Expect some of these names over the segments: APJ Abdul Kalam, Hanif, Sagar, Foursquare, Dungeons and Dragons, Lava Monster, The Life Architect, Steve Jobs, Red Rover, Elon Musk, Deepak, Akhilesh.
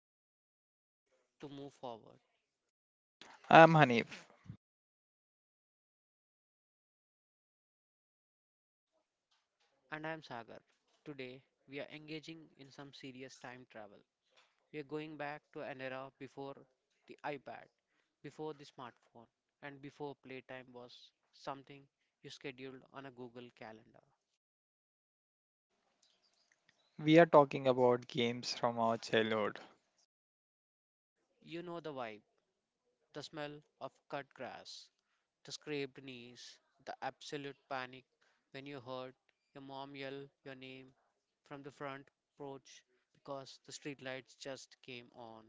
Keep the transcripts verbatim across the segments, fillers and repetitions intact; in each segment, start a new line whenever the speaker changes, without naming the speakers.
understand how to move forward.
I'm Hanif.
And I'm Sagar. Today, we are engaging in some serious time travel. We are going back to an era before the iPad, before the smartphone, and before playtime was something you scheduled on a Google Calendar.
We are talking about games from our childhood.
You know the vibe, the smell of cut grass, the scraped knees, the absolute panic when you heard your mom yell your name from the front porch because the streetlights just came on.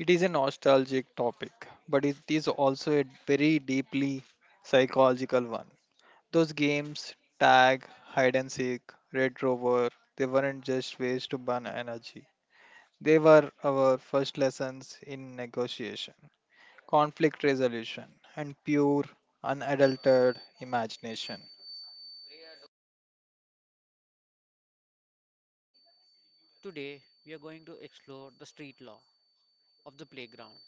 It is a nostalgic topic, but it is also a very deeply psychological one. Those games, tag, hide and seek, red rover, they weren't just ways to burn energy. They were our first lessons in negotiation, conflict resolution, and pure, unadulterated imagination.
Today, we are going to explore the street law of the playground,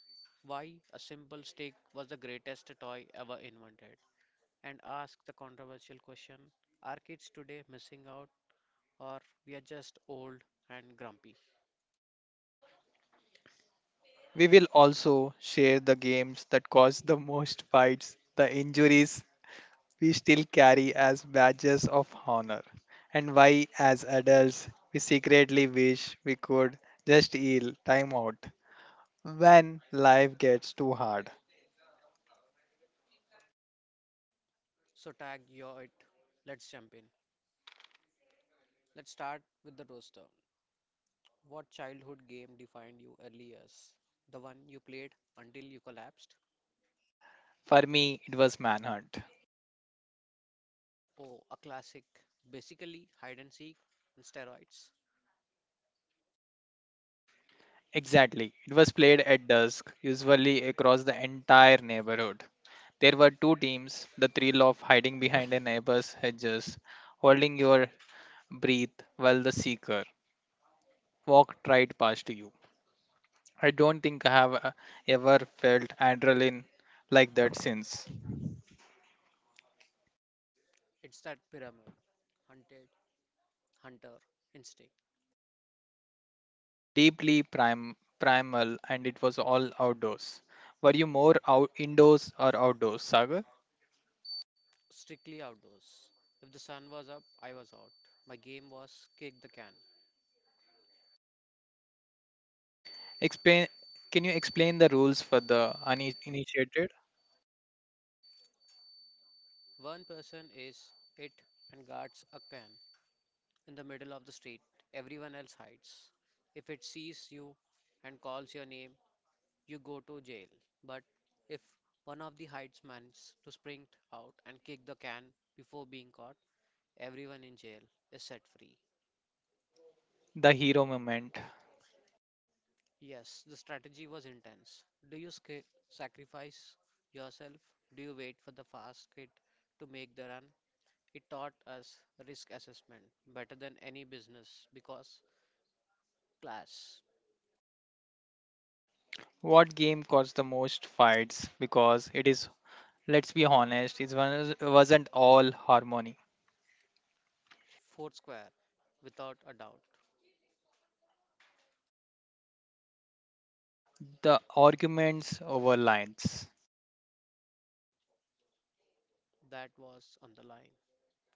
why a simple stick was the greatest toy ever invented, and ask the controversial question: are kids today missing out, or we are just old and grumpy?
We will also share the games that caused the most fights, the injuries, we still carry as badges of honor, and why, as adults, we secretly wish we could just yell time out when life gets too hard.
So, tag your it. Let's jump in. Let's start with the roaster. What childhood game defined you earliest? The one you played until you collapsed?
For me, it was Manhunt.
Oh, a classic. Basically, hide and seek and steroids.
Exactly. It was played at dusk, usually across the entire neighborhood. There were two teams, the thrill of hiding behind a neighbor's hedges, holding your breath while the seeker walked right past you. I don't think I have uh, ever felt adrenaline like that since.
It's that pyramid, hunted, hunter, instinct.
Deeply prim- primal, and it was all outdoors. Were you more out- indoors or outdoors, Sagar?
Strictly outdoors. If the sun was up, I was out. My game was kick the can.
Explain. Can you explain the rules for the uninitiated?
One person is it and guards a can in the middle of the street. Everyone else hides. If it sees you and calls your name, you go to jail. But if one of the hides manages to sprint out and kick the can before being caught, everyone in jail is set free.
The hero moment.
Yes, the strategy was intense. Do you sca- sacrifice yourself? Do you wait for the fast kid to make the run? It taught us risk assessment better than any business because class,
What game caused the most fights? Because it is, let's be honest, it was- wasn't all harmony.
Foursquare, without a doubt,
The arguments over lines.
that was on the line.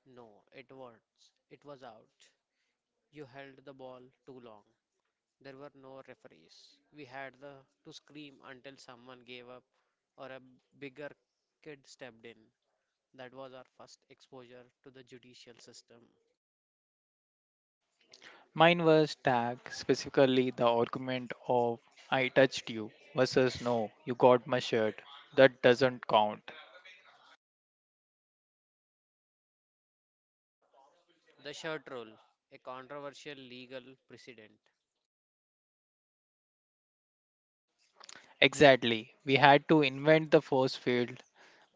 No, it was. It was out. You held the ball too long. There were no referees. We had the, to scream until someone gave up or a bigger kid stepped in. That was our first exposure to the judicial system.
Mine was tag, specifically the argument of I touched you versus no, you got my shirt. That doesn't count.
The shirt rule, a controversial legal precedent.
Exactly. We had to invent the force field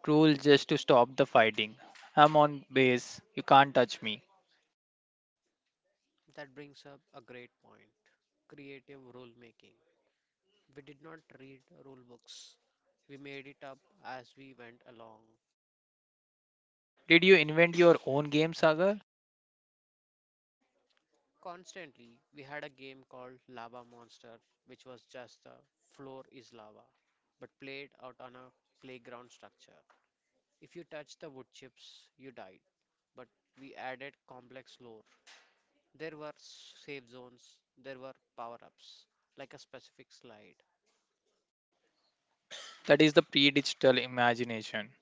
rule just to stop the fighting. I'm on base, you can't touch me.
That brings up a great point creative rulemaking. We did not read rule books, we made it up as we went along.
Did you invent your own game, Sagar?
Constantly, we had a game called Lava Monster, which was just the floor is lava, but played out on a playground structure. If you touched the wood chips, you died, but we added complex lore. There were safe zones, there were power ups, like a specific slide.
That is the pre digital imagination.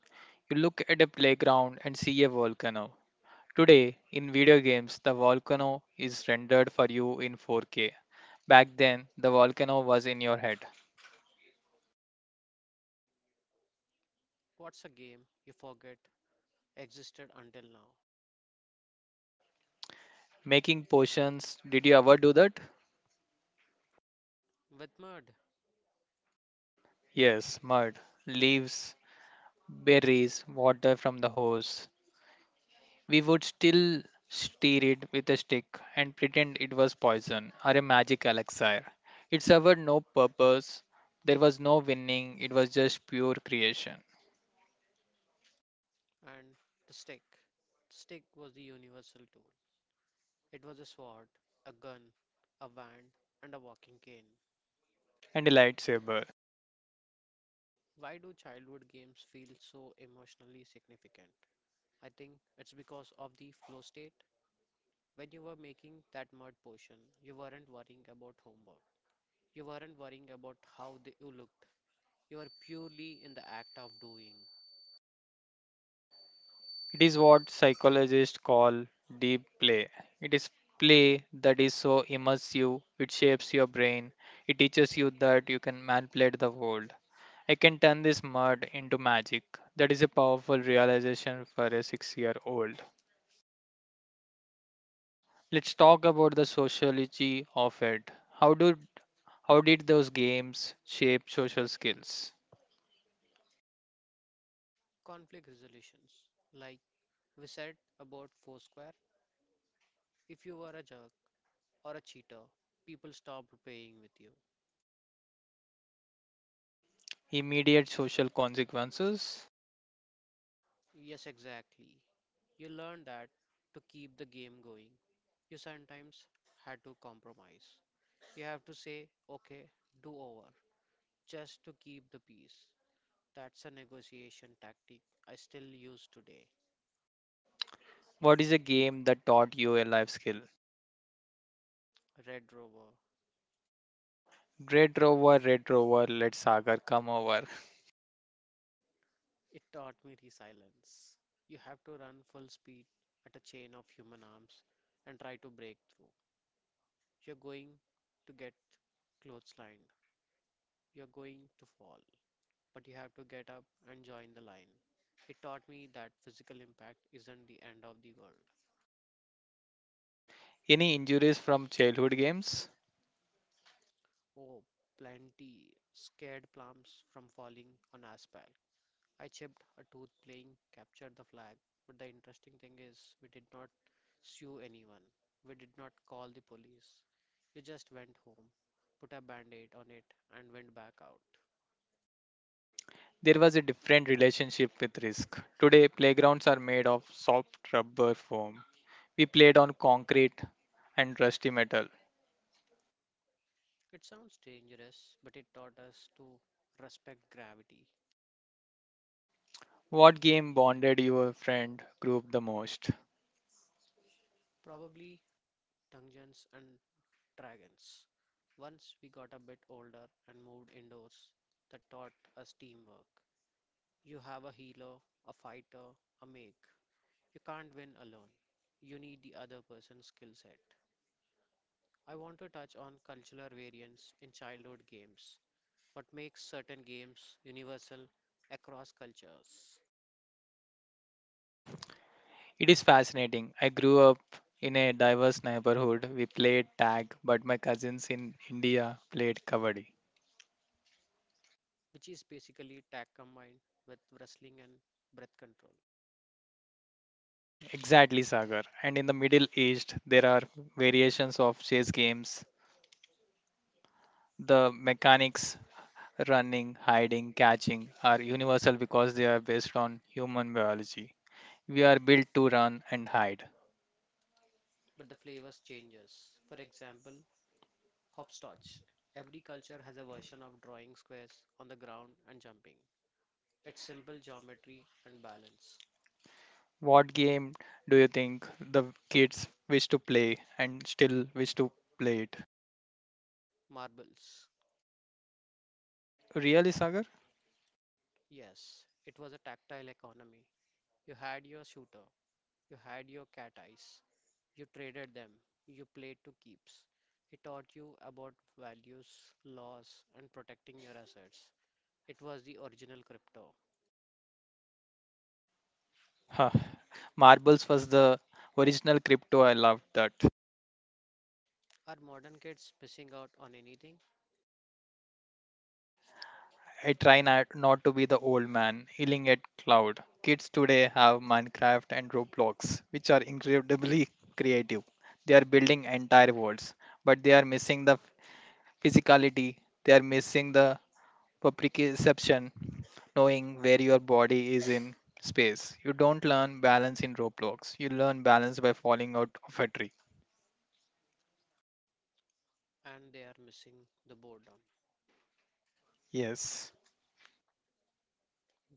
You look at a playground and see a volcano. Today, in video games, the volcano is rendered for you in four K. Back then, the volcano was in your head.
What's a game you forget existed until now?
Making potions, did you ever do that?
With mud
Yes, mud, leaves, berries, water from the hose. We would still stir it with a stick and pretend it was poison or a magic elixir. It served no purpose. There was no winning. It was just pure creation.
and the stick. The stick was the universal tool, it was a sword, a gun, a wand, and a walking cane.
And a lightsaber.
Why do childhood games feel so emotionally significant? I think it's because of the flow state. When you were making that mud potion, you weren't worrying about homework. You weren't worrying about how the, you looked. You were purely in the act of doing.
It is what psychologists call deep play. It is play that is so immersive, it shapes your brain. It teaches you that you can manipulate the world. I can turn this mud into magic. That is a powerful realization for a six year old. Let's talk about the sociology of it. How do how did those games shape social skills?
Conflict resolutions. Like we said about Foursquare, if you were a jerk or a cheater, people stopped playing with you.
Immediate social consequences.
Yes, exactly. You learned that to keep the game going you sometimes had to compromise. You have to say, okay, do over, just to keep the peace. That's a negotiation tactic I still use today.
What is a game that taught you a life skill?
Red Rover,
Red Rover, Red Rover, let Sagar come over.
it taught me resilience. You have to run full speed at a chain of human arms and try to break through. You're going to get clotheslined, you're going to fall, but you have to get up and join the line. It taught me that physical impact isn't the end of the world.
Any injuries from childhood games?
Oh, plenty scared plums from falling on asphalt. I chipped a tooth playing captured the flag, but the interesting thing is we did not sue anyone. We did not call the police. We just went home, put a band aid on it, and went back out.
There was a different relationship with risk. Today, playgrounds are made of soft rubber foam. We played on concrete and rusty metal.
It sounds dangerous, but it taught us to respect gravity.
What game bonded your friend group the most?
Probably dungeons and dragons. Once we got a bit older and moved indoors, that taught us teamwork. You have a healer, a fighter, a mage. You can't win alone. You need the other person's skill set. I want to touch on cultural variance in childhood games, what makes certain games universal across cultures,
It is fascinating. I grew up in a diverse neighborhood. We played tag, but my cousins in India played kabaddi.
which is basically tag combined with wrestling and breath control.
Exactly, Sagar. And in the Middle East, there are variations of chess games. The mechanics, running, hiding, catching, are universal because they are based on human biology. We are built to run and hide.
But the flavors changes. For example, hopscotch. Every culture has a version of drawing squares on the ground and jumping. It's simple geometry and balance.
What game do you think the kids wish to play and still wish to play it?
Marbles.
Really, Sagar?
Yes, it was a tactile economy. You had your shooter, you had your cat eyes, you traded them, you played to keeps. He taught you about values, laws, and protecting your assets. It was the original crypto.
Huh. Marbles was the original crypto. I loved that.
Are modern kids missing out on anything?
I try not, not to be the old man yelling at cloud. Kids today have Minecraft and Roblox, which are incredibly creative. They are building entire worlds, but they are missing the physicality. They are missing the proprioception, knowing where your body is in space. You don't learn balance in Roblox. You learn balance by falling out of a tree.
And they are missing the boredom.
Yes.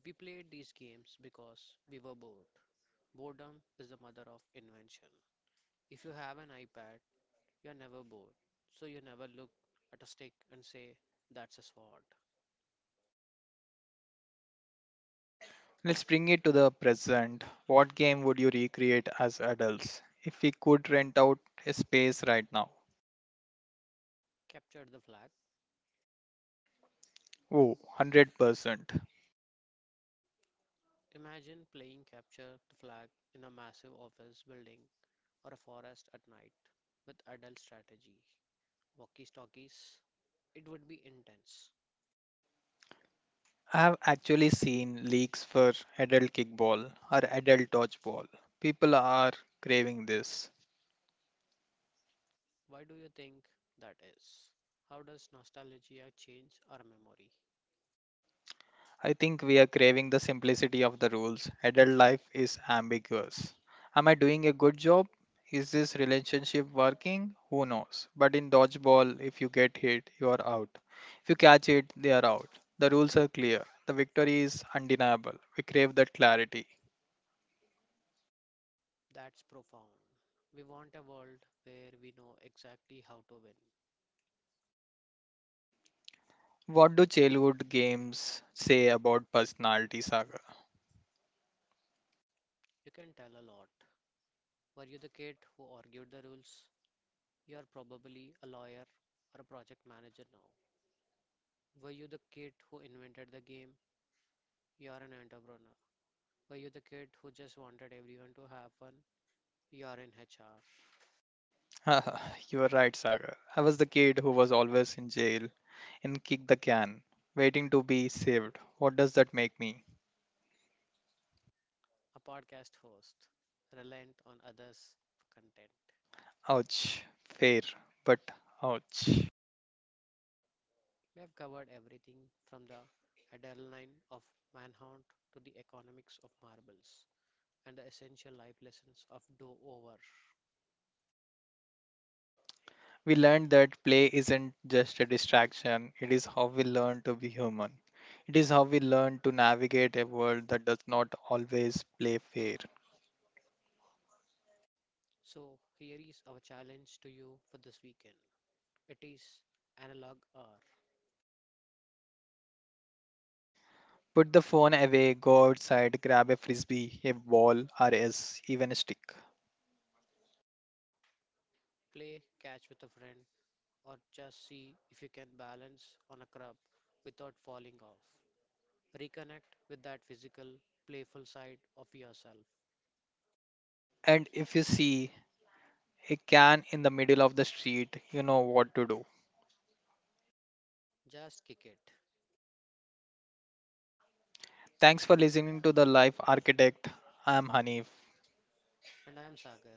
We played these games because we were bored. Boredom is the mother of invention. If you have an iPad, you're never bored. So you never look at a stick and say, that's a sword.
Let's bring it to the present. What game would you recreate as adults if we could rent out a space right now?
Capture the flag.
Oh, one hundred percent.
Imagine playing capture the flag in a massive office building or a forest at night with adult strategy, walkie talkies. It would be intense.
I have actually seen leagues for adult kickball or adult dodgeball. People are craving this.
Why do you think that is? How does nostalgia change our memory?
I think we are craving the simplicity of the rules. Adult life is ambiguous. Am I doing a good job? Is this relationship working? Who knows? But in dodgeball, if you get hit, you are out. If you catch it, they are out. The rules are clear. The victory is undeniable. We crave that clarity.
That's profound. We want a world where we know exactly how to win.
What do childhood games say about personality, Sagar?
You can tell a lot. Were you the kid who argued the rules? You are probably a lawyer or a project manager now. Were you the kid who invented the game? You are an entrepreneur. Were you the kid who just wanted everyone to have one? You are in H R,
You are right, Sagar. I was the kid who was always in jail and kick the can, waiting to be saved. What does that make me?
a podcast host, reliant on others for content.
Ouch. Fair, but ouch.
We have covered everything from the adrenaline of manhunt to the economics of marbles and the essential life lessons of do over.
We learned that play isn't just a distraction, it is how we learn to be human. It is how we learn to navigate a world that does not always play fair.
So, here is our challenge to you for this weekend it is analog R.
Put the phone away, go outside, grab a frisbee, a ball, or yes, even a stick.
Play catch with a friend or just see if you can balance on a crab without falling off. Reconnect with that physical, playful side of yourself.
And if you see a can in the middle of the street, you know what to do.
Just kick it.
Thanks for listening to The Life Architect. I am Hanif.
And I am Sagar.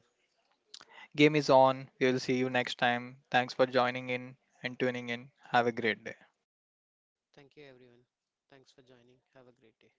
Game is on. We'll see you next time. Thanks for joining in and tuning in. Have a great day.
Thank you, everyone. Thanks for joining. Have a great day.